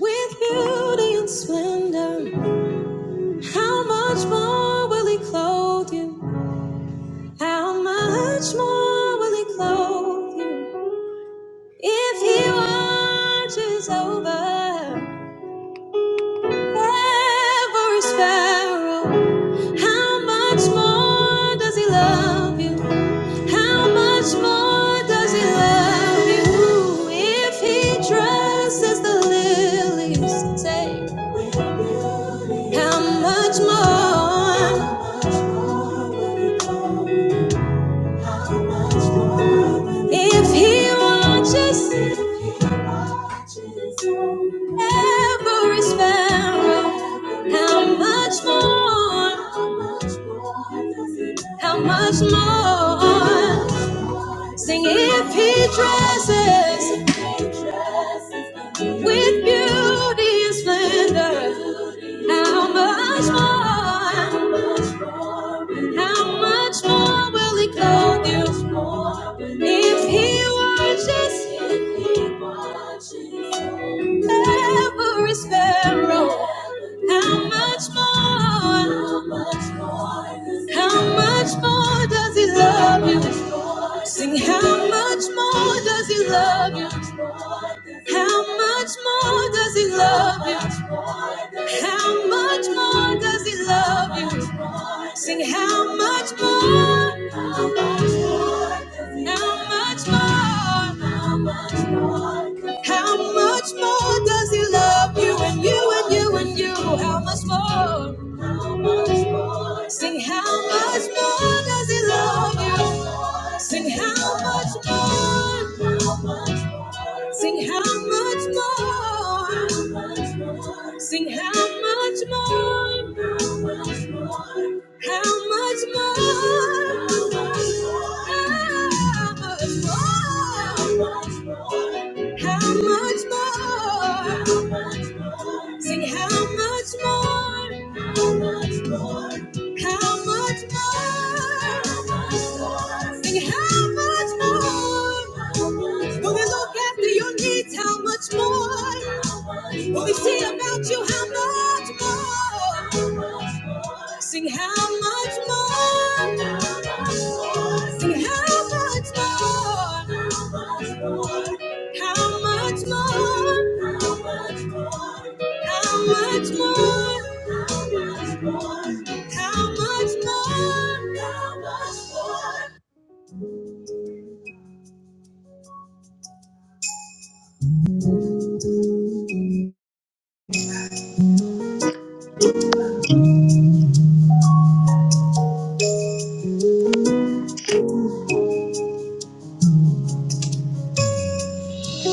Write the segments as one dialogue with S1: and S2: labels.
S1: With beauty and splendor, how much more will he clothe you? How much more will he clothe you? If he watches over every sparrow, how much more does he love you? How much more does he love you? If he dresses the lilies, say, how much more? If he watches every sparrow, how much more, how much more? Sing if he dresses with beauty and splendor, How much more? How much more will He clothe you? If He watches every sparrow, how much more? How much more does He love you? Sing, how much more does He love you? How much more does he love you? How much more does he love you? Sing how much more? How much more? How much more does he love you and you and you and you? How much more? how much more. Sing how much more does he love you? Sing how much more? Sing how much more? Sing how much more? How much more? How much more? How much more? Sing how much more? How much more? How much more? Sing how much more? Will they look after your needs? How much more? Will they say about you? How much more? Sing how much more? Sing how much more? How much more? How much more? How much more? How much more? How much more? How much more? How much more?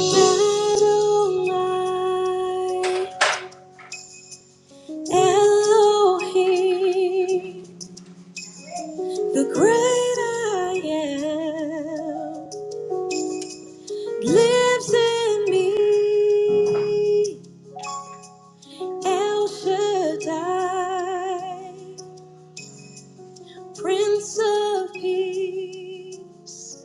S1: Adonai, Elohim, the great I am, lives in me. El Shaddai, Prince of Peace,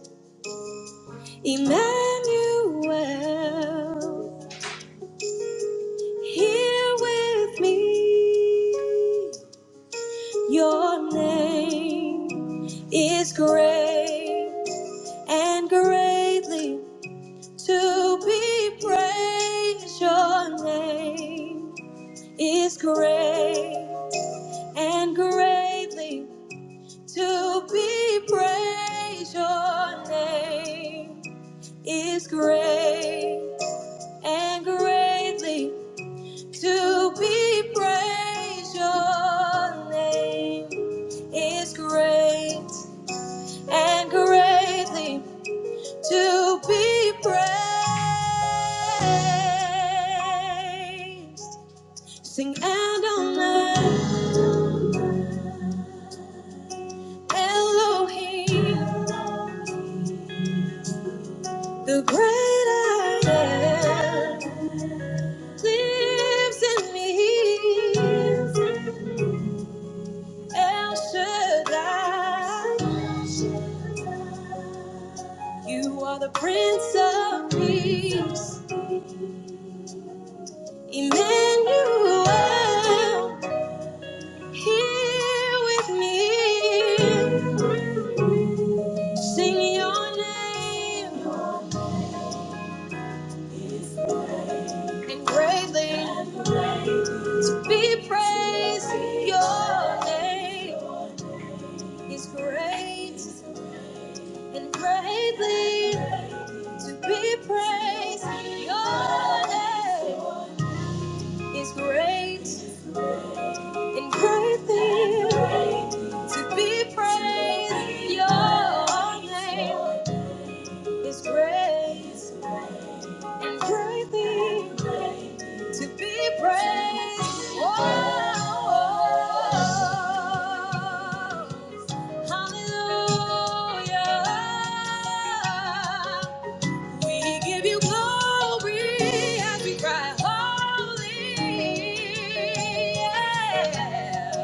S1: Emmanuel, here with me. Your name is great and greatly to be praised. Your name is great and greatly To be praised, your name is great and greatly to be praised. Your name is great and greatly to be praised. Sing Adonai Elohim, the great I am. lives in me. El Shaddai, you are the Prince of Peace. Emmanuel, here with me. Sing your name and greatly to be praised. Your name is great and greatly. to be praised. Your name is great and greatly to be praised. Your name is great and greatly to be praised. Oh, oh, oh. hallelujah. We give you glory as we cry, holy.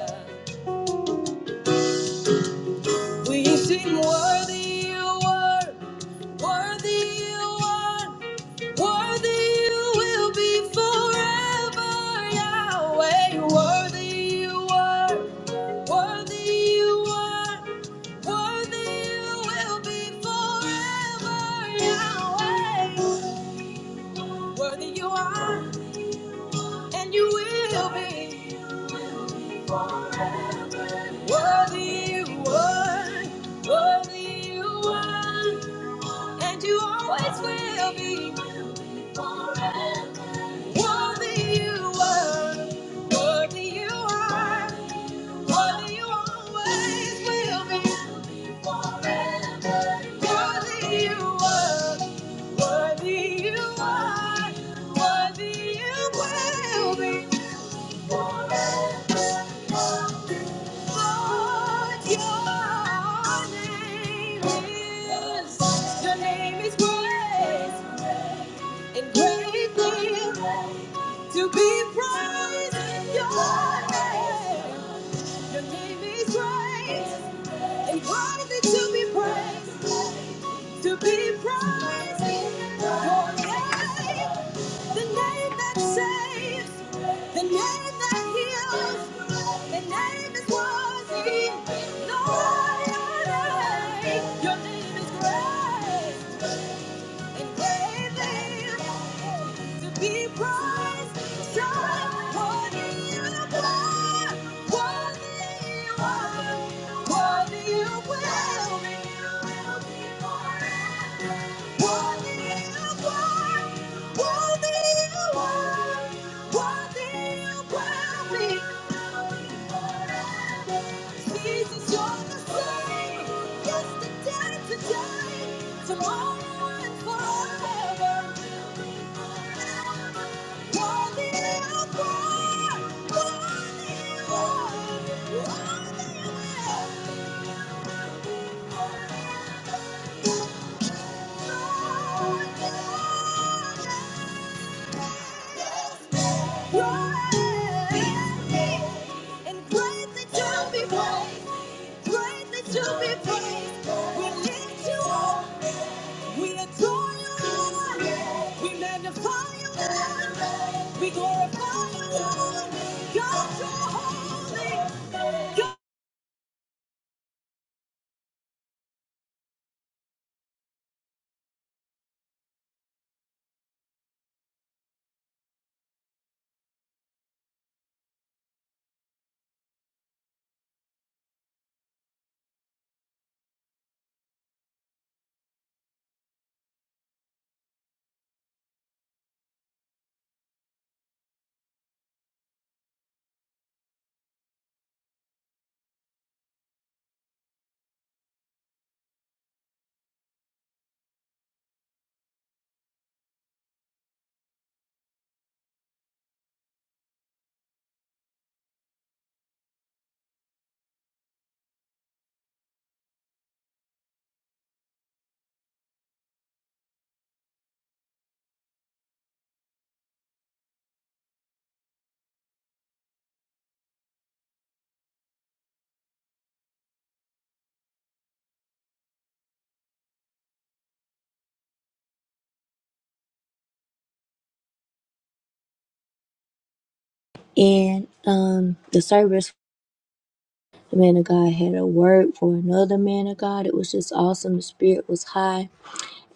S1: Yeah. We sing worthy you are, worthy you are. Worthy you will be forever, Yahweh. Worthy you are. Worthy you are. Worthy you will be forever, Yahweh. Worthy you are, and you will be. Worthy you are. Worthy you are, and you always will be. Worthy you are. Worthy you are. Worthy you always will be. Worthy you are. Worthy you are. Worthy you will be. Lord, your name is. Your name is grace. And greatly to be praised. Your name. Your name is grace and worthy to be praised, to be praised. Your name, the name that saves, the name that heals, the name is worthy. Lord, your name, your name is great and they to be praised, So worthy you are, worthy you are, worthy you will be, you will be forever. Jesus, you're the same yesterday, today, tomorrow, and forever. Worthy of God, worthy you are, worthy you are. And um, the service The man of God had a word for another man of God. It was just awesome. The spirit was high.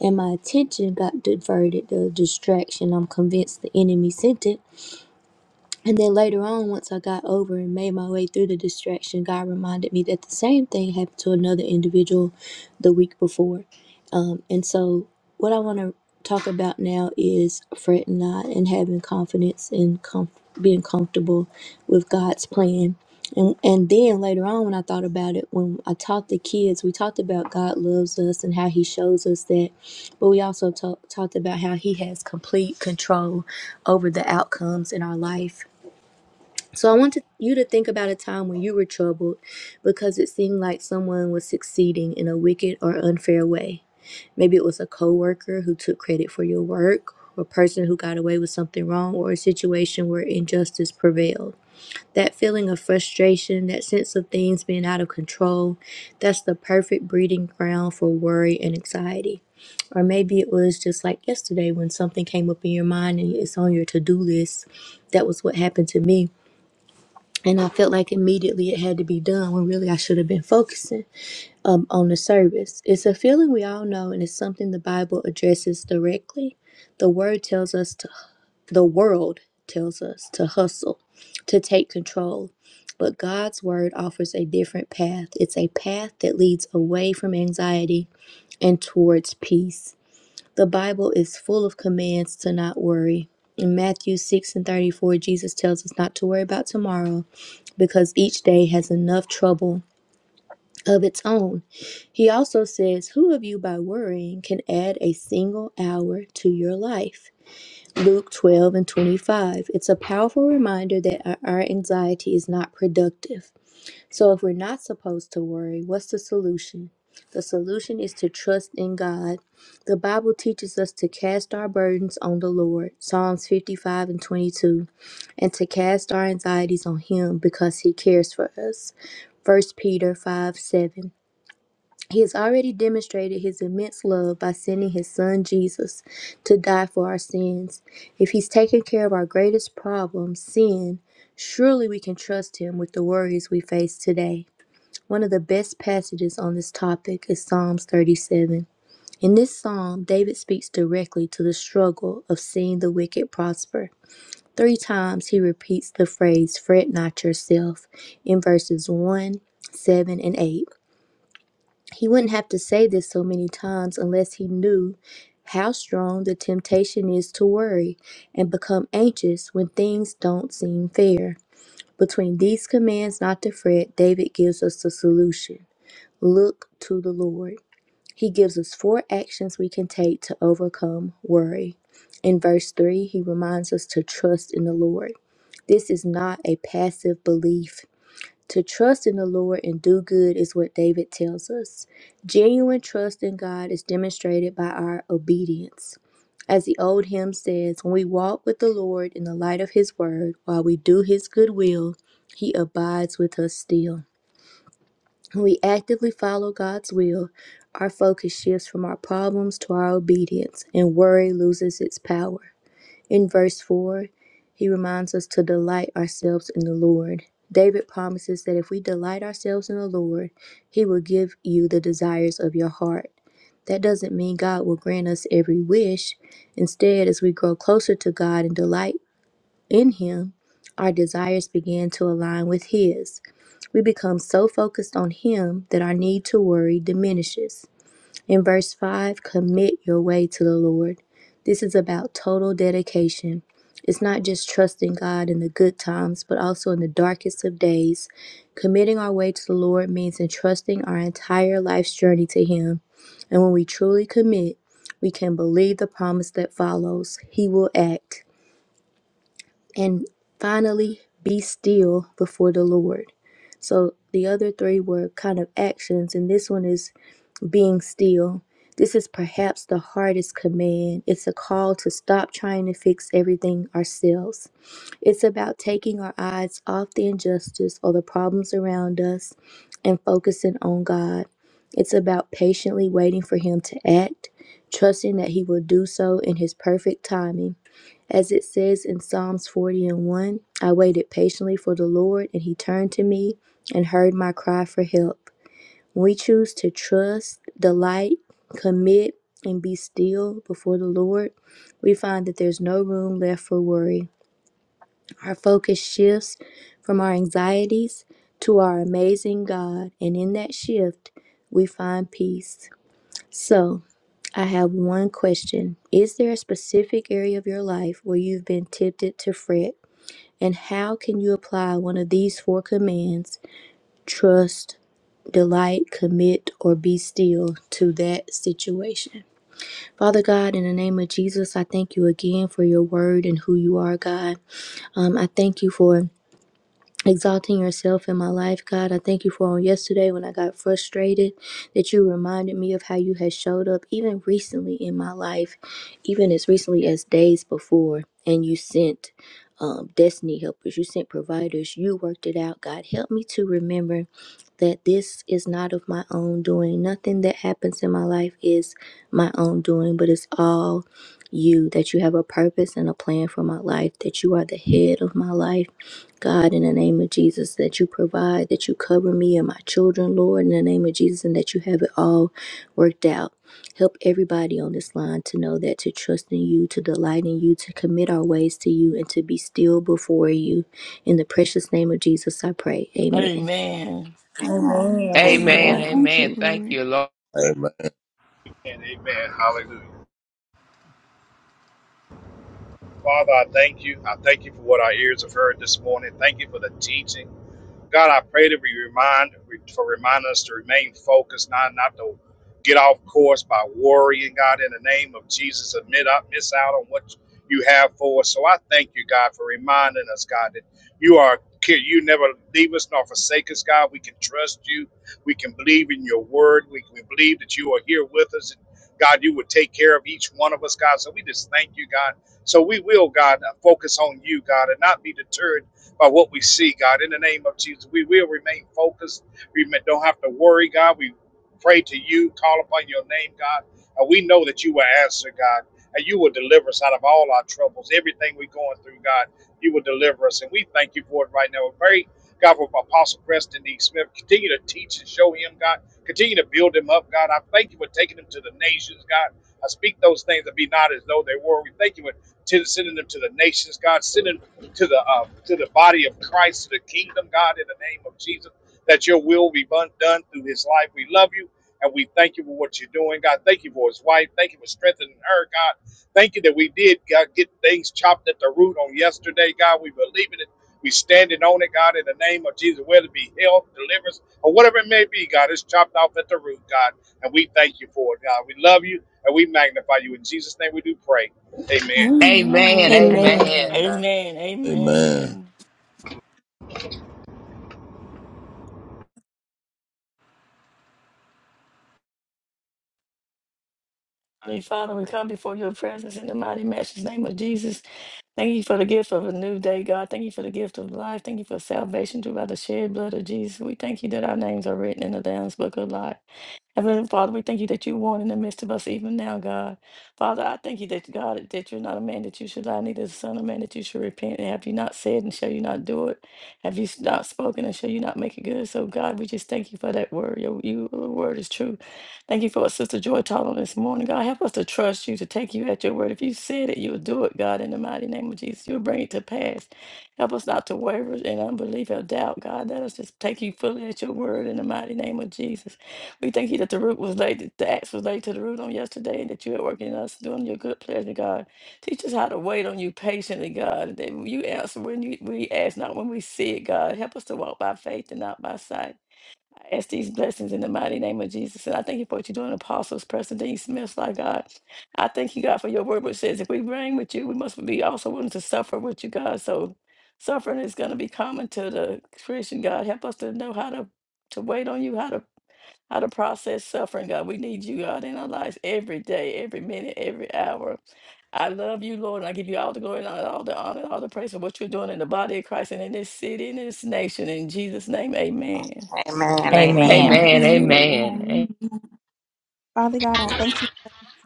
S1: And my attention got diverted, the distraction I'm convinced the enemy sent it and then later on, once I got over and made my way through the distraction, God reminded me that the same thing happened to another individual the week before. Um, and so, what I want to talk about now is fretting not and having confidence and comf- being comfortable with God's plan. And, and then later on, when I thought about it, when I taught the kids, we talked about God loves us and how He shows us that, but we also ta- talked about how He has complete control over the outcomes in our life so I wanted you to think about a time when you were troubled because it seemed like someone was succeeding in a wicked or unfair way. Maybe it was a coworker who took credit for your work, or a person who got away with something wrong, or a situation where injustice prevailed. That feeling of frustration, that sense of things being out of control, that's the perfect breeding ground for worry and anxiety. Or maybe it was just like yesterday when something came up in your mind and it's on your to do list. That was what happened to me and I felt like immediately it had to be done when really I should have been focusing um, on the service. It's a feeling we all know, and it's something the Bible addresses directly. The word tells us to, the world tells us to hustle, to take control. But God's word offers a different path. It's a path that leads away from anxiety and towards peace. The Bible is full of commands to not worry. In Matthew 6 and 34, Jesus tells us not to worry about tomorrow because each day has enough trouble of its own. He also says, Who of you by worrying can add a single hour to your life? Luke 12 and 25. It's a powerful reminder that our anxiety is not productive. So, if we're not supposed to worry, what's the solution? The solution is to trust in God. The Bible teaches us to cast our burdens on the Lord. Psalms 55 and 22 and to cast our anxieties on him because he cares for us. First Peter 5 7. He has already demonstrated his immense love by sending his son Jesus to die for our sins. If he's taken care of our greatest problem, sin, surely we can trust him with the worries we face today. One of the best passages on this topic is Psalms 37. In this psalm, David speaks directly to the struggle of seeing the wicked prosper. Three times he repeats the phrase, fret not yourself, in verses 1, 7, and 8. He wouldn't have to say this so many times unless he knew how strong the temptation is to worry and become anxious when things don't seem fair. Between these commands not to fret, David gives us the solution look to the Lord. He gives us four actions we can take to overcome worry. In verse 3, he reminds us to trust in the Lord. This is not a passive belief. To trust in the Lord and do good is what David tells us. Genuine trust in God is demonstrated by our obedience. As the old hymn says, when we walk with the Lord in the light of his word, while we do his good will, he abides with us still. When we actively follow God's will, our focus shifts from our problems to our obedience, and worry loses its power. In verse 4, he reminds us to delight ourselves in the Lord. David promises that if we delight ourselves in the Lord, he will give you the desires of your heart. That doesn't mean God will grant us every wish. Instead, as we grow closer to God and delight in him, our desires begin to align with his. We become so focused on Him that our need to worry diminishes. In verse 5, commit your way to the Lord. This is about total dedication. It's not just trusting God in the good times, but also in the darkest of days. Committing our way to the Lord means entrusting our entire life's journey to Him. And when we truly commit, we can believe the promise that follows He will act. And finally, be still before the Lord. So the other three were kind of actions, and this one is being still. This is perhaps the hardest command. It's a call to stop trying to fix everything ourselves. It's about taking our eyes off the injustice or the problems around us and focusing on God. It's about patiently waiting for Him to act, trusting that He will do so in His perfect timing as it says in Psalms 40 and 1, I waited patiently for the Lord, and he turned to me and heard my cry for help. When we choose to trust, delight, commit, and be still before the Lord, we find that there's no room left for worry. Our focus shifts from our anxieties to our amazing God, and in that shift, we find peace. So, I have one question. Is there a specific area of your life where you've been tempted to fret? And how can you apply one of these four commands trust, delight, commit, or be still to that situation? Father God, in the name of Jesus, I thank you again for your word and who you are, God. Um, I thank you for exalting yourself in my life, God. I thank you for on yesterday when I got frustrated that you reminded me of how you had showed up even recently in my life, even as recently as days before, and you sent um, destiny helpers, you sent providers, you worked it out, God. Help me to remember that this is not of my own doing. Nothing that happens in my life is my own doing, but it's all you, that you have a purpose and a plan for my life, that you are the head of my life God, in the name of Jesus, that you provide, that you cover me and my children, Lord, in the name of Jesus, and that you have it all worked out. Help everybody on this line to know that to trust in you, to delight in you, to commit our ways to you, and to be still before you. In the precious name of Jesus, I pray. Amen.
S2: Amen.
S3: Amen.
S4: Amen.
S5: Amen.
S6: Amen.
S5: Amen.
S3: Amen.
S5: Thank you,
S6: Amen. Thank
S5: Lord.
S6: you, Lord.
S7: Amen.
S8: And amen. Hallelujah. Father, I thank you. I thank you for what our ears have heard this morning. Thank you for the teaching. God, I pray that we remind for remind us to remain focused, not not to get off course by worrying. God, in the name of Jesus, admit up, miss out on what you have for us. So I thank you, God, for reminding us, God, that you are you never leave us nor forsake us, God. We can trust you. We can believe in your word. We, we believe that you are here with us. God, you would take care of each one of us, God. So we just thank you, God. So we will, God, focus on you, God, and not be deterred by what we see, God. In the name of Jesus, we will remain focused. We ma- don't have to worry, God. We pray to you, call upon your name, God. And we know that you will answer, God. And you will deliver us out of all our troubles, everything we're going through, God. You will deliver us. And we thank you for it right now. We pray, God, for Apostle Preston D. Smith. Continue to teach and show him, God. Continue to build him up, God. I thank you for taking him to the nations, God. I speak those things that be not as though they were. We thank you for t- sending them to the nations, God. Sending to the uh, to the body of Christ, to the kingdom, God, in the name of Jesus, that your will be done through his life. We love you and we thank you for what you're doing, God. Thank you for his wife. Thank you for strengthening her, God. Thank you that we did God, get things chopped at the root on yesterday, God. We believe in it. We standing on it, God, in the name of Jesus, whether it be health, deliverance, or whatever it may be, God, it's chopped off at the root, God. And we thank you for it, God. We love you and we magnify you. In Jesus' name we do pray. Amen.
S6: Amen.
S5: Amen.
S4: Amen. Amen.
S1: Amen.
S6: Amen.
S2: Amen.
S7: Amen.
S2: Amen. Holy Father, we come before your presence in the mighty matchless name of Jesus. Thank you for the gift of a new day, God. Thank you for the gift of life. Thank you for salvation through by the shed blood of Jesus. We thank you that our names are written in the Lamb's book of life. Heavenly Father, we thank you that you warn in the midst of us even now, God. Father, I thank you that God that you're not a man that you should lie, neither is the son of man that you should repent. And have you not said and shall you not do it? Have you s- not spoken and shall you not make it good? So God, we just thank you for that word. Your, your word is true. Thank you for what Sister Joy taught on this morning. God, help us to trust you, to take you at your word. If you said it, you'll do it, God, in the mighty name of Jesus. You'll bring it to pass. Help us not to waver in unbelief or doubt, God. Let us just take you fully at your word in the mighty name of Jesus. We thank you that the root was laid, the axe was laid to the root on yesterday, and that you are working in us, doing your good pleasure, God. Teach us how to wait on you patiently, God. and That you answer when you, we ask, not when we see it, God. Help us to walk by faith and not by sight. I ask these blessings in the mighty name of Jesus. And I thank you for what you're doing, Apostles, Preston Dean Smith, like God. I thank you, God, for your word, which says if we reign with you, we must be also willing to suffer with you, God. So suffering is going to be common to the Christian, God. Help us to know how to, to wait on you, how to how to process suffering, God. We need you, God, in our lives every day, every minute, every hour. I love you, Lord, and I give you all the glory and all the honor and all the praise for what you're doing in the body of Christ and in this city and in this nation. In Jesus' name, amen.
S3: Amen.
S5: Amen.
S4: Amen.
S3: Amen.
S5: Amen.
S9: Amen.
S6: Amen. Amen.
S5: Amen. Father God, I thank you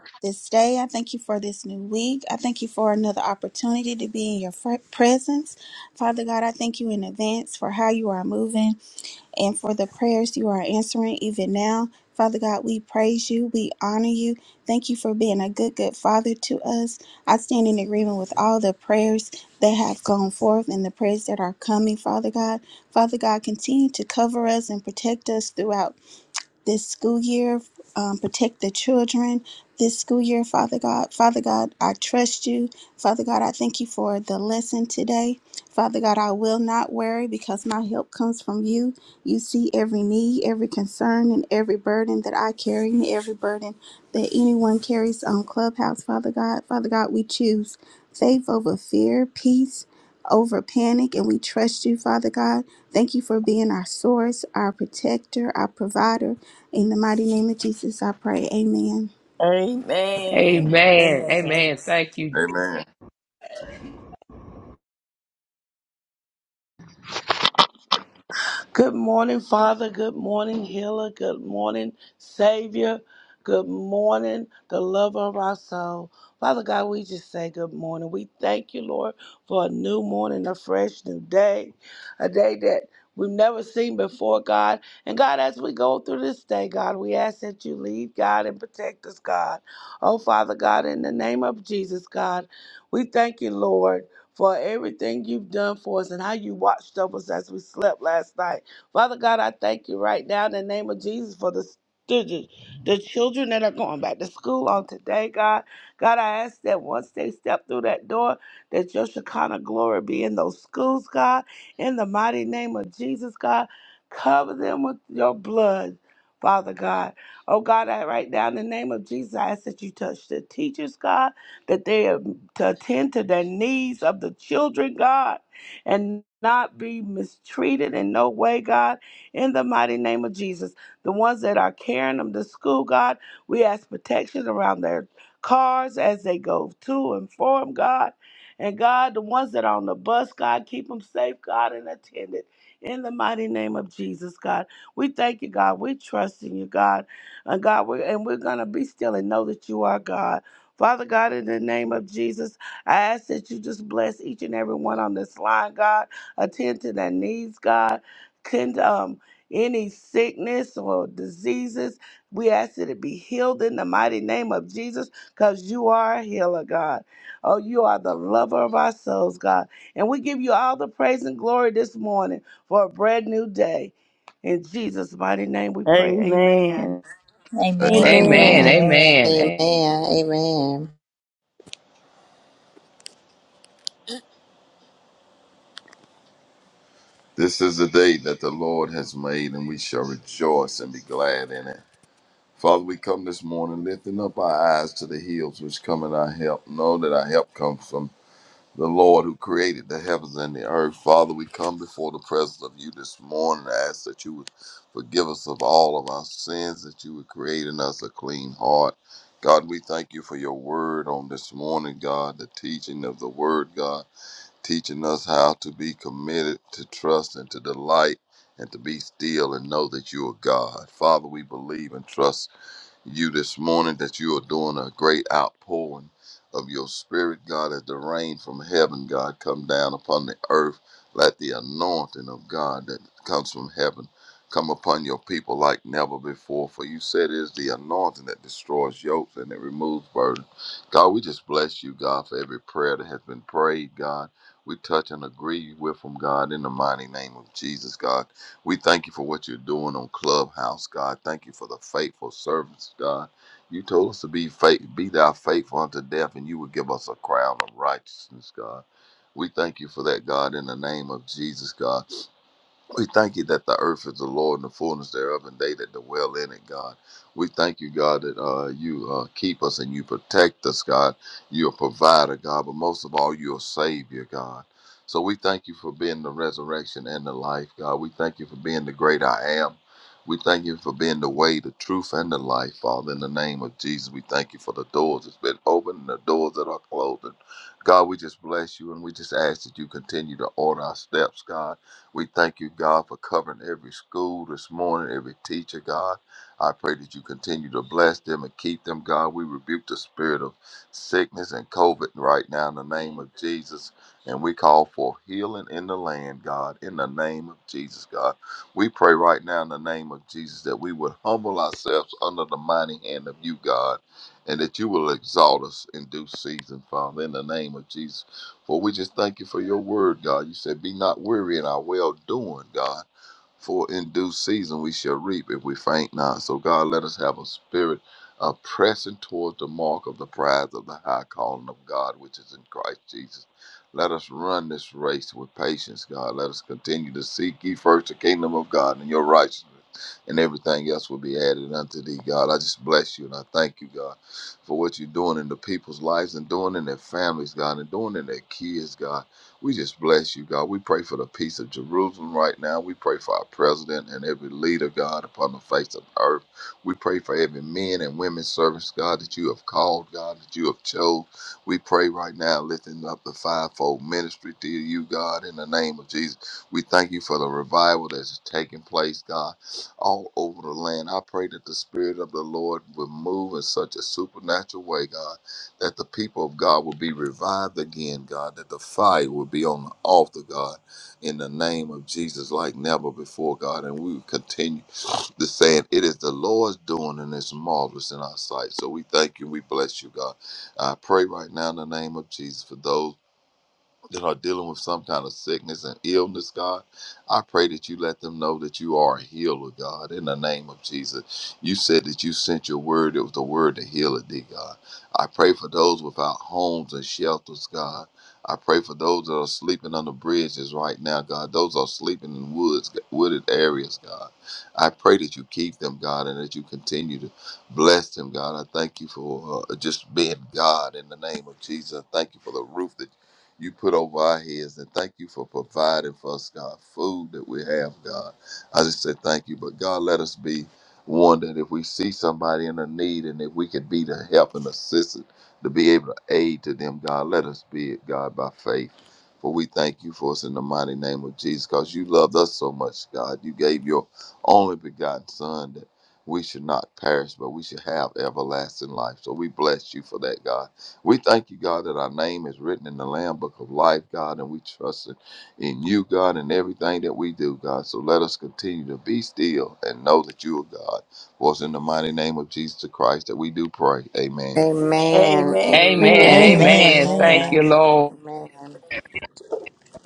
S5: for this day. I thank you for this new week. I thank you for another opportunity to be in your fr- presence. Father God, I thank you in advance for how you are moving and for the prayers you are answering even now. Father God, we praise you. We honor you. Thank you for being a good, good father to us. I stand in agreement with all the prayers that have gone forth and the prayers that are coming, Father God. Father God, continue to cover us and protect us throughout this school year. Um, protect the children this school year, Father God. Father God, I trust you. Father God, I thank you for the lesson today. Father God, I will not worry because my help comes from you. You see every need, every concern, and every burden that I carry, and every burden that anyone carries on Clubhouse, Father God. Father God, we choose faith over fear, peace over panic, and we trust you, Father God. Thank you for being our source, our protector, our provider. In the mighty name of Jesus, I pray. Amen.
S2: Amen.
S6: Amen.
S4: Amen.
S6: Amen. Thank you.
S7: Amen.
S10: Good morning, Father. Good morning, Healer. Good morning, Savior. Good morning, the lover of our soul. Father God, we just say good morning. We thank you, Lord, for a new morning, a fresh new day, a day that we've never seen before, God. And God, as we go through this day, God, we ask that you lead, God, and protect us, God. Oh, Father God, in the name of Jesus, God, we thank you, Lord for everything you've done for us and how you watched over us as we slept last night. Father God, I thank you right now in the name of Jesus for the students, the children that are going back to school on today, God. God, I ask that once they step through that door, that your Shekinah glory be in those schools, God. In the mighty name of Jesus, God, cover them with your blood, Father God. Oh, God, I right now in the name of Jesus, I ask that you touch the teachers, God, that they um, to attend to the needs of the children, God and not be mistreated in no way, God, in the mighty name of Jesus. The ones that are carrying them to school, God, we ask protection around their cars as they go to and from, God. And God, the ones that are on the bus, God, keep them safe, God, and attended. In the mighty name of Jesus, God. We thank you, God. We trust in you, God. And God, we're, and we're going to be still and know that you are God. Father God, in the name of Jesus. I ask that you just bless each and every one on this line, God. Attend to their needs, God. Can um any sickness or diseases, we ask that it be healed in the mighty name of Jesus, because you are a healer, God. Oh, you are the lover of our souls, God. And we give you all the praise and glory this morning for a brand new day. In Jesus' mighty name we pray. Amen.
S2: Amen.
S4: Amen.
S7: Amen.
S6: Amen.
S3: Amen.
S4: Amen.
S3: Amen.
S6: Amen.
S3: Amen.
S7: This is the day that the Lord has made, and we shall rejoice and be glad in it. Father, we come this morning lifting up our eyes to the hills which come in our help. Know that our help comes from the Lord who created the heavens and the earth. Father, we come before the presence of you this morning. I ask that you would forgive us of all of our sins, that you would create in us a clean heart. God, we thank you for your word on this morning, God, the teaching of the word, God. teaching us how to be committed to trust and to delight and to be still and know that you are God. Father, we believe and trust you this morning that you are doing a great outpouring of your spirit, God, as the rain from heaven, God, come down upon the earth. Let the anointing of God that comes from heaven come upon your people like never before. For you said it is the anointing that destroys yokes and it removes burden. God, we just bless you, God, for every prayer that has been prayed, God. We touch and agree with them, God, in the mighty name of Jesus, God. We thank you for what you're doing on Clubhouse, God. Thank you for the faithful servants, God. You told us to be faith, be thou faithful unto death, and you would give us a crown of righteousness, God. We thank you for that, God, in the name of Jesus, God. We thank you that the earth is the Lord and the fullness thereof, and they that dwell in it, God. We thank you, God, that uh, you uh, keep us and you protect us, God. You're a provider, God, but most of all, you're a savior, God. So we thank you for being the resurrection and the life, God. We thank you for being the great I am. We thank you for being the way, the truth, and the life, Father. In the name of Jesus, we thank you for the doors that's been opened and the doors that are closed. And God, we just bless you and we just ask that you continue to order our steps, God we thank you, God, for covering every school this morning, every teacher, God. I pray that you continue to bless them and keep them, God. We rebuke the spirit of sickness and COVID right now in the name of Jesus. And we call for healing in the land, God, in the name of Jesus, God. We pray right now in the name of Jesus that we would humble ourselves under the mighty hand of you, God, and that you will exalt us in due season, Father, in the name of Jesus. For we just thank you for your word, God. You said, Be not weary in our well doing, God. For in due season we shall reap if we faint not. So, God, let us have a spirit of pressing towards the mark of the prize of the high calling of God, which is in Christ Jesus. Let us run this race with patience, God. Let us continue to seek ye first the kingdom of God and your righteousness, and everything else will be added unto thee, God. I just bless you and I thank you, God, for what you're doing in the people's lives and doing in their families, God, and doing in their kids, God. We just bless you, God. We pray for the peace of Jerusalem right now. We pray for our president and every leader, God, upon the face of earth. We pray for every men and women servants, God, that you have called, God, that you have chose. We pray right now, lifting up the fivefold ministry to you, God, in the name of Jesus. We thank you for the revival that is taking place, God, all over the land. I pray that the Spirit of the Lord will move in such a supernatural way, God that the people of God will be revived again, God, that the fire will be on the altar, God, in the name of Jesus, like never before, God. And we will continue to say it, it is the Lord's doing, and it's marvelous in our sight. So we thank you, we bless you, God. I pray right now in the name of Jesus for those that are dealing with some kind of sickness and illness, God, I pray that you let them know that you are a healer, God, in the name of Jesus. You said that you sent your word, it was the word to heal it, dear God. I pray for those without homes and shelters, God. I pray for those that are sleeping under bridges right now, God. Those are sleeping in woods, wooded areas, God. I pray that you keep them, God, and that you continue to bless them, God. I thank you for uh, just being God in the name of Jesus. I thank you for the roof that you put over our heads. And thank you for providing for us, God, food that we have, God. I just say thank you. But God, let us be one that if we see somebody in a need and if we could be the help and assistance to be able to aid to them, God, let us be it, God, by faith. For we thank you for us in the mighty name of Jesus, because you loved us so much, God. You gave your only begotten Son that we should not perish, but we should have everlasting life. So we bless you for that, God. We thank you, God, that our name is written in the Lamb Book of Life, God, and we trust in in you, God, in everything that we do, God. So let us continue to be still and know that you are God. For it's in the mighty name of Jesus Christ that we do pray. Amen.
S3: Amen.
S2: Amen.
S6: Amen.
S4: Amen.
S6: Amen.
S4: Amen.
S6: Thank
S3: Amen.
S6: you, Lord.
S3: Amen.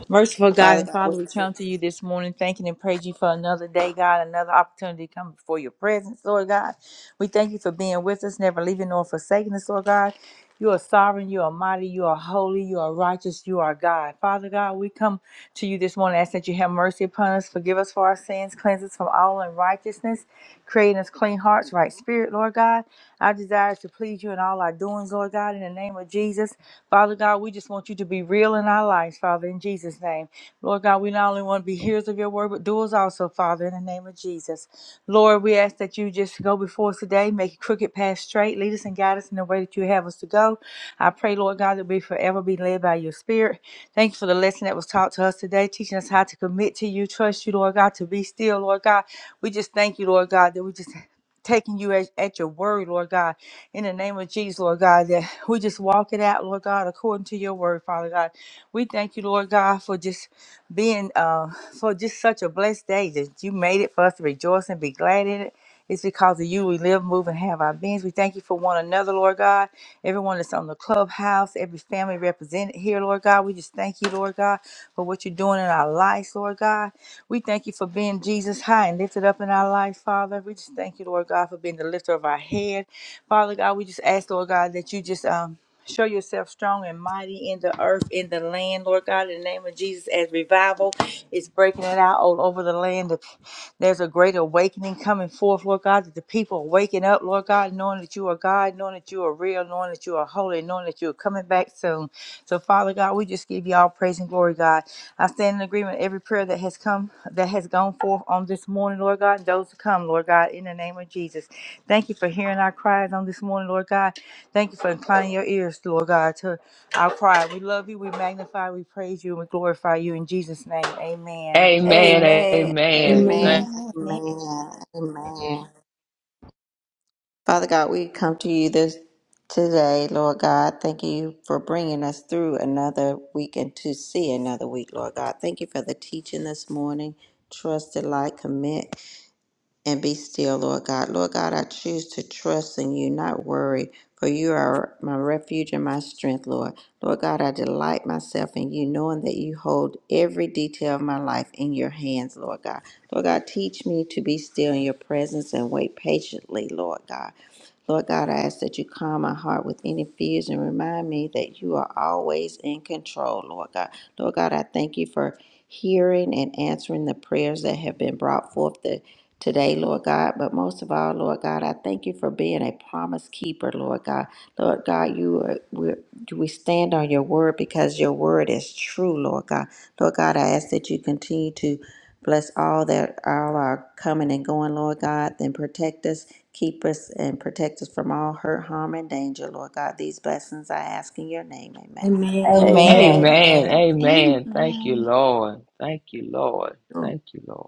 S4: Merciful God
S3: Father
S4: and
S3: God, we
S4: Father, we
S3: choose.
S4: come to you this morning thanking and praise you for another day, God, another opportunity to come before your presence, Lord God. We thank you for being with us, never leaving nor forsaking us, Lord God. You are sovereign, you are mighty, you are holy, you are righteous, you are God. Father God, we come to you this morning, ask that you have mercy upon us, forgive us for our sins, cleanse us from all unrighteousness, create in us clean hearts, right spirit, Lord God. Our desire is to please you in all our doings, Lord God. God, in the name of Jesus. Father God, we just want you to be real in our lives, Father, in Jesus' name. Lord God, we not only want to be hearers of your word, but doers also, Father, in the name of Jesus. Lord, we ask that you just go before us today, make crooked path straight, lead us and guide us in the way that you have us to go. I pray, Lord God, that we forever be led by your spirit. Thank you for the lesson that was taught to us today, teaching us how to commit to you, trust you, Lord God, to be still, Lord God. We just thank you, Lord God, that we just taking you at, at your word, Lord God, in the name of Jesus, Lord God, that we just walk it out, Lord God, according to your word, Father God. We thank you, Lord God, for just being, uh, for just such a blessed day that you made it for us to rejoice and be glad in it. It's because of you we live, move, and have our beings. We thank you for one another, Lord God. Everyone that's on the clubhouse, every family represented here, Lord God. We just thank you, Lord God, for what you're doing in our lives, Lord God. We thank you for being Jesus high and lifted up in our life, Father. We just thank you, Lord God, for being the lifter of our head. Father God, we just ask, Lord God, that you just um show yourself strong and mighty in the earth, in the land, Lord God, in the name of Jesus, as revival is breaking it out all over the land. There's a great awakening coming forth, Lord God, that the people are waking up, Lord God, knowing that you are God, knowing that you are real, knowing that you are holy, knowing that you are coming back soon. So, Father God, we just give you all praise and glory, God. I stand in agreement with every prayer that has come, that has gone forth on this morning, Lord God, and those to come, Lord God, in the name of Jesus. Thank you for hearing our cries on this morning, Lord God. Thank you for inclining your ears, Lord God, to our cry. We love you, we magnify, we praise you, and we glorify you in Jesus' name. Amen.
S6: Amen.
S2: Amen.
S6: Amen.
S1: Amen.
S6: Thank-
S3: Amen. Amen. Amen. Father God, we come to you this today, Lord God. Thank you for bringing us through another week and to see another week, Lord God. Thank you for the teaching this morning. Trusted like commit. and be still, Lord God. Lord God, I choose to trust in you, not worry, for you are my refuge and my strength, Lord. Lord God, I delight myself in you, knowing that you hold every detail of my life in your hands, Lord God. Lord God, teach me to be still in your presence and wait patiently, Lord God. Lord God, I ask that you calm my heart with any fears and remind me that you are always in control, Lord God. Lord God, I thank you for hearing and answering the prayers that have been brought forth the, today, Lord God. But most of all, Lord God, I thank you for being a promise keeper, Lord God. Lord God, you are, we, we stand on your word because your word is true, Lord God. Lord God, I ask that you continue to. Bless all that all are coming and going, Lord God. Then protect us, keep us, and protect us from all hurt, harm, and danger, Lord God. These blessings I ask in your name. Amen.
S1: Amen.
S4: Amen.
S2: Amen.
S6: Amen.
S4: Amen.
S6: Amen. Thank you,
S5: Amen.
S6: Lord. Thank you, Lord. Thank you, Lord.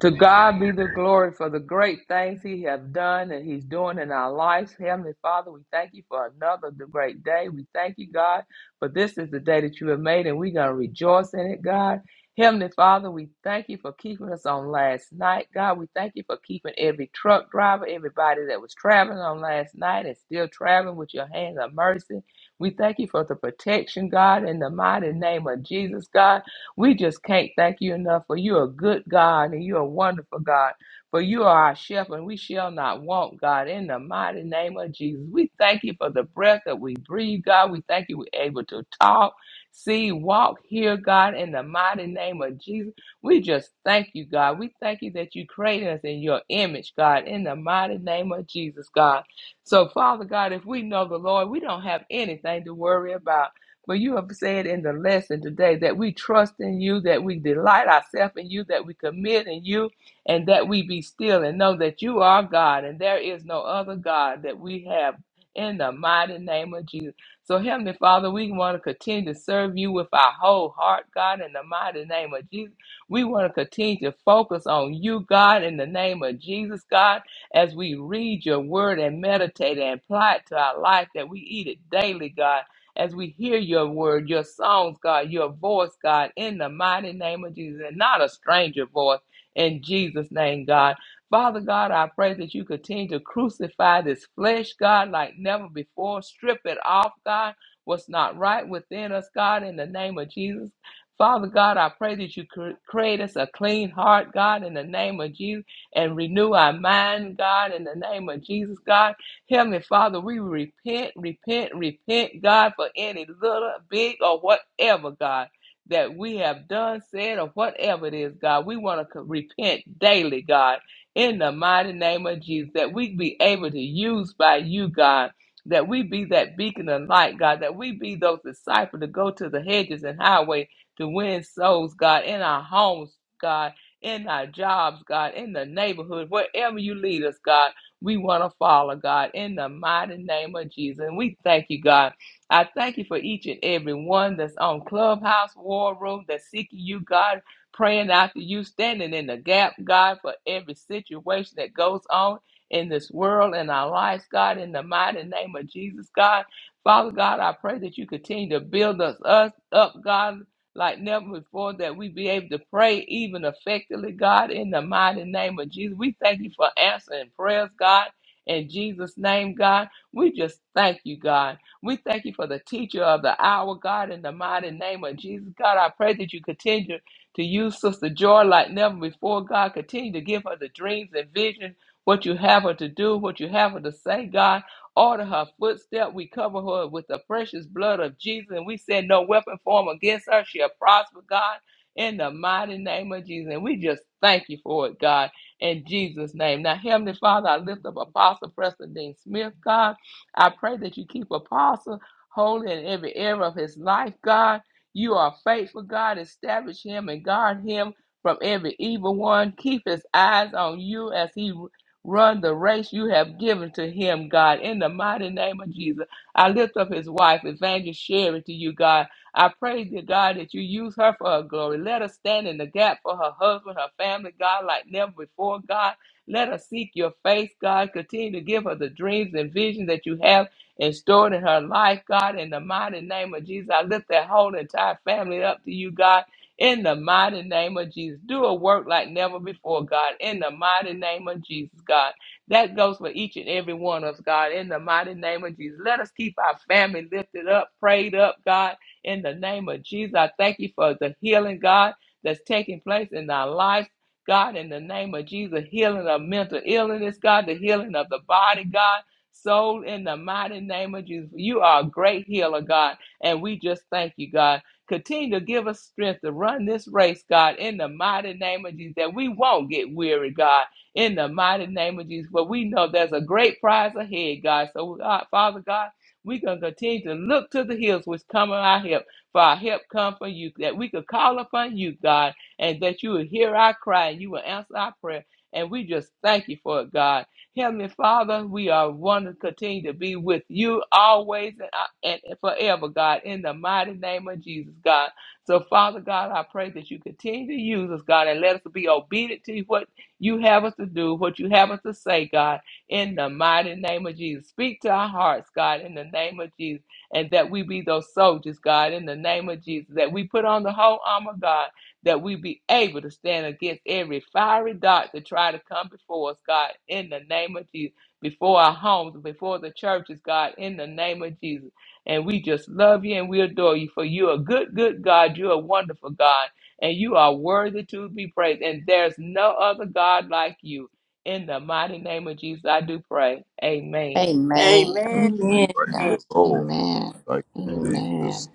S6: To God be the glory for the great things He has done and He's doing in our lives. Heavenly Father, we thank you for another great day. We thank you, God, for this is the day that you have made, and we're going to rejoice in it, God. Heavenly Father, we thank you for keeping us on last night, God. We thank you for keeping every truck driver, everybody that was traveling on last night and still traveling with your hands of mercy. We thank you for the protection, God, in the mighty name of Jesus, God. We just can't thank you enough for you're a good God and you're a wonderful God. For you are our shepherd, and we shall not want, God, in the mighty name of Jesus. We thank you for the breath that we breathe, God. We thank you we're able to talk, see, walk, hear, God, in the mighty name of Jesus. We just thank you, God. We thank you that you created us in your image, God, in the mighty name of Jesus, God. So, Father God, if we know the Lord, we don't have anything to worry about. But you have said in the lesson today that we trust in you, that we delight ourselves in you, that we commit in you, and that we be still and know that you are God and there is no other God that we have in the mighty name of Jesus. So, Heavenly Father, we want to continue to serve you with our whole heart, God, in the mighty name of Jesus. We want to continue to focus on you, God, in the name of Jesus, God, as we read your word and meditate and apply it to our life, that we eat it daily, God as we hear your word, your songs, God, your voice, God, in the mighty name of Jesus, and not a stranger voice in Jesus' name, God. Father God, I pray that you continue to crucify this flesh, God, like never before. Strip it off, God, what's not right within us, God, in the name of Jesus. Father God, I pray that you cr- create us a clean heart, God, in the name of Jesus, and renew our mind, God, in the name of Jesus, God. Heavenly Father, we repent, repent, repent, God, for any little, big, or whatever, God, that we have done, said, or whatever it is, God. We want to repent daily, God, in the mighty name of Jesus, that we be able to use by you, God. That we be that beacon of light, God. That we be those disciples to go to the hedges and highway to win souls, God, in our homes, God, in our jobs, God, in the neighborhood, wherever you lead us, God. We want to follow, God, in the mighty name of Jesus. And we thank you, God. I thank you for each and every one that's on Clubhouse, War Room, that's seeking you, God, praying after you, standing in the gap, God, for every situation that goes on in this world and our lives, God, in the mighty name of Jesus, God. Father God, I pray that you continue to build us, us up, God like never before that we be able to pray even effectively, God, in the mighty name of Jesus. We thank you for answering prayers, God. In Jesus' name, God, we just thank you, God. We thank you for the teacher of the hour, God, in the mighty name of Jesus. God, I pray that you continue to use Sister Joy like never before, God. Continue to give her the dreams and visions, what you have her to do, what you have her to say, God. Order her footstep. We cover her with the precious blood of Jesus. And we say, No weapon formed against her shall prosper, God, in the mighty name of Jesus. And we just thank you for it, God, in Jesus' name. Now, Heavenly Father, I lift up Apostle Preston Dean Smith, God. I pray that you keep Apostle holy in every area of his life, God. You are faithful, God. Establish him and guard him from every evil one. Keep his eyes on you as he Run the race you have given to him, God, in the mighty name of Jesus. I lift up his wife, Evangelist Sherry, to you, God. I pray, dear God, that you use her for her glory. Let her stand in the gap for her husband, her family, God, like never before, God. Let her seek your face, God. Continue to give her the dreams and visions that you have and stored in her life, God. In the mighty name of Jesus, I lift that whole entire family up to you, God. In the mighty name of Jesus, do a work like never before, God. In the mighty name of Jesus, God. That goes for each and every one of us, God. In the mighty name of Jesus, let us keep our family lifted up, prayed up, God. In the name of Jesus, I thank you for the healing, God, that's taking place in our lives. God, in the name of Jesus, healing of mental illness, God, the healing of the body, God, soul, in the mighty name of Jesus. You are a great healer, God, and we just thank you, God. Continue to give us strength to run this race, God, in the mighty name of Jesus, that we won't get weary, God, in the mighty name of Jesus. But we know there's a great prize ahead, God. So, God, Father God, we can continue to look to the hills which come on our help, for our help come from you, that we could call upon you, God, and that you will hear our cry and you will answer our prayer. And we just thank you for it, God. Heavenly Father, we are want to continue to be with you always and, uh, and forever, God, in the mighty name of Jesus, God. So, Father God, I pray that you continue to use us, God, and let us be obedient to what you have us to do, what you have us to say, God, in the mighty name of Jesus. Speak to our hearts, God, in the name of Jesus, and that we be those soldiers, God, in the name of Jesus, that we put on the whole armor, God that we be able to stand against every fiery dart to try to come before us, God, in the name of Jesus, before our homes, before the churches, God, in the name of Jesus. And we just love you and we adore you, for you're a good, good God. You're a wonderful God, and you are worthy to be praised. And there's no other God like you. In the mighty name of Jesus, I do pray. Amen.
S3: Amen. Oh
S2: Amen.
S3: My
S7: Praise
S3: God.
S7: the Lord.
S3: Amen.
S7: Thank
S9: Amen.
S7: you, Jesus.
S3: Amen.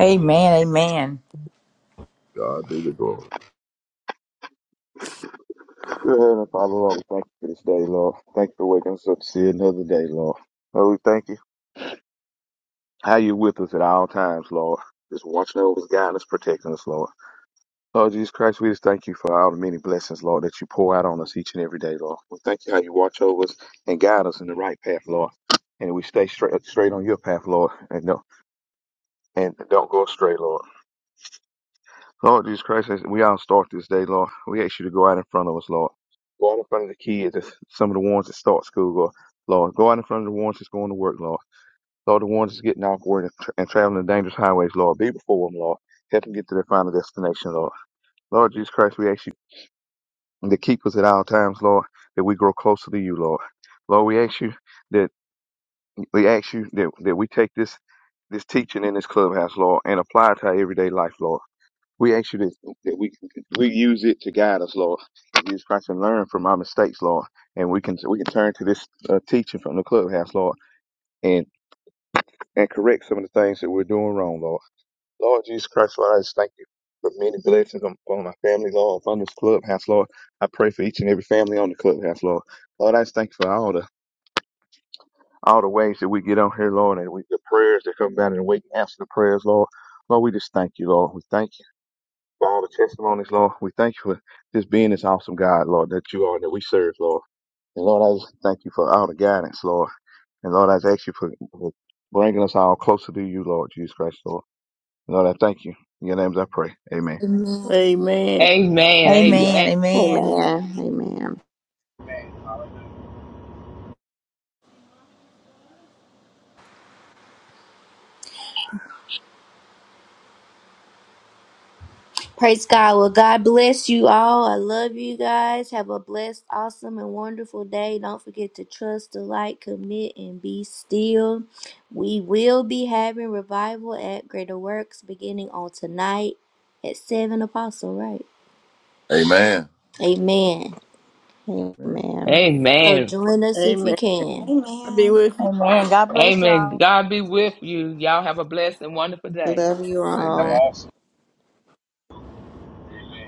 S4: Amen. Amen.
S7: God be the glory.
S9: Dear Heavenly Father, Lord, we thank you for this day, Lord. Thank you for waking us up to see another day, Lord. Lord, we thank you. How you with us at all times, Lord. Just watching over us, guiding us, protecting us, Lord. Lord Jesus Christ, we just thank you for all the many blessings, Lord, that you pour out on us each and every day, Lord. We thank you how you watch over us and guide us in the right path, Lord. And we stay straight straight on your path, Lord, and no, and don't go astray, Lord. Lord Jesus Christ, as we all start this day, Lord. We ask you to go out in front of us, Lord. Go out in front of the kids, that's some of the ones that start school, Lord. Lord, go out in front of the ones that's going to work, Lord. Lord, the ones that's getting off work and, tra- and traveling the dangerous highways, Lord. Be before them, Lord. Help them get to their final destination, Lord. Lord Jesus Christ, we ask you to keep us at all times, Lord, that we grow closer to you, Lord. Lord, we ask you that we ask you that, that we take this this teaching in this clubhouse, Lord, and apply it to our everyday life, Lord. We ask you this, that we can we use it to guide us, Lord. Jesus Christ and learn from our mistakes, Lord. And we can we can turn to this uh, teaching from the clubhouse, Lord, and and correct some of the things that we're doing wrong, Lord. Lord Jesus Christ, Lord, I just thank you for many blessings on- upon my family, Lord, On this clubhouse, Lord. I pray for each and every family on the clubhouse, Lord. Lord, I just thank you for all the all the ways that we get on here, Lord, and we, the prayers that come down and the waiting answer the prayers, Lord. Lord, we just thank you, Lord. We thank you. for all the testimonies, Lord. We thank you for just being this awesome God, Lord, that you are and that we serve, Lord. And Lord, I just thank you for all the guidance, Lord. And Lord, I just ask you for, for bringing us all closer to you, Lord Jesus Christ, Lord. Lord, I thank you. In your names I pray. Amen.
S2: Amen.
S6: Amen.
S4: Amen.
S6: Amen.
S4: Amen.
S3: Amen. Amen.
S1: Praise God. Well, God bless you all. I love you guys. Have a blessed, awesome, and wonderful day. Don't forget to trust, delight, commit, and be still. We will be having revival at Greater Works beginning on tonight at 7 Apostle, right?
S7: Amen.
S1: Amen.
S7: Amen.
S3: Amen.
S1: So
S6: Amen.
S1: join us if you
S2: Amen.
S1: can.
S2: I'll be
S5: Amen.
S2: with you.
S4: Amen. God bless
S6: Amen.
S4: y'all.
S6: God be with you. Y'all have a blessed and wonderful day.
S3: Love you
S8: Have
S7: Amen.
S8: an
S3: all.
S8: awesome. Amen.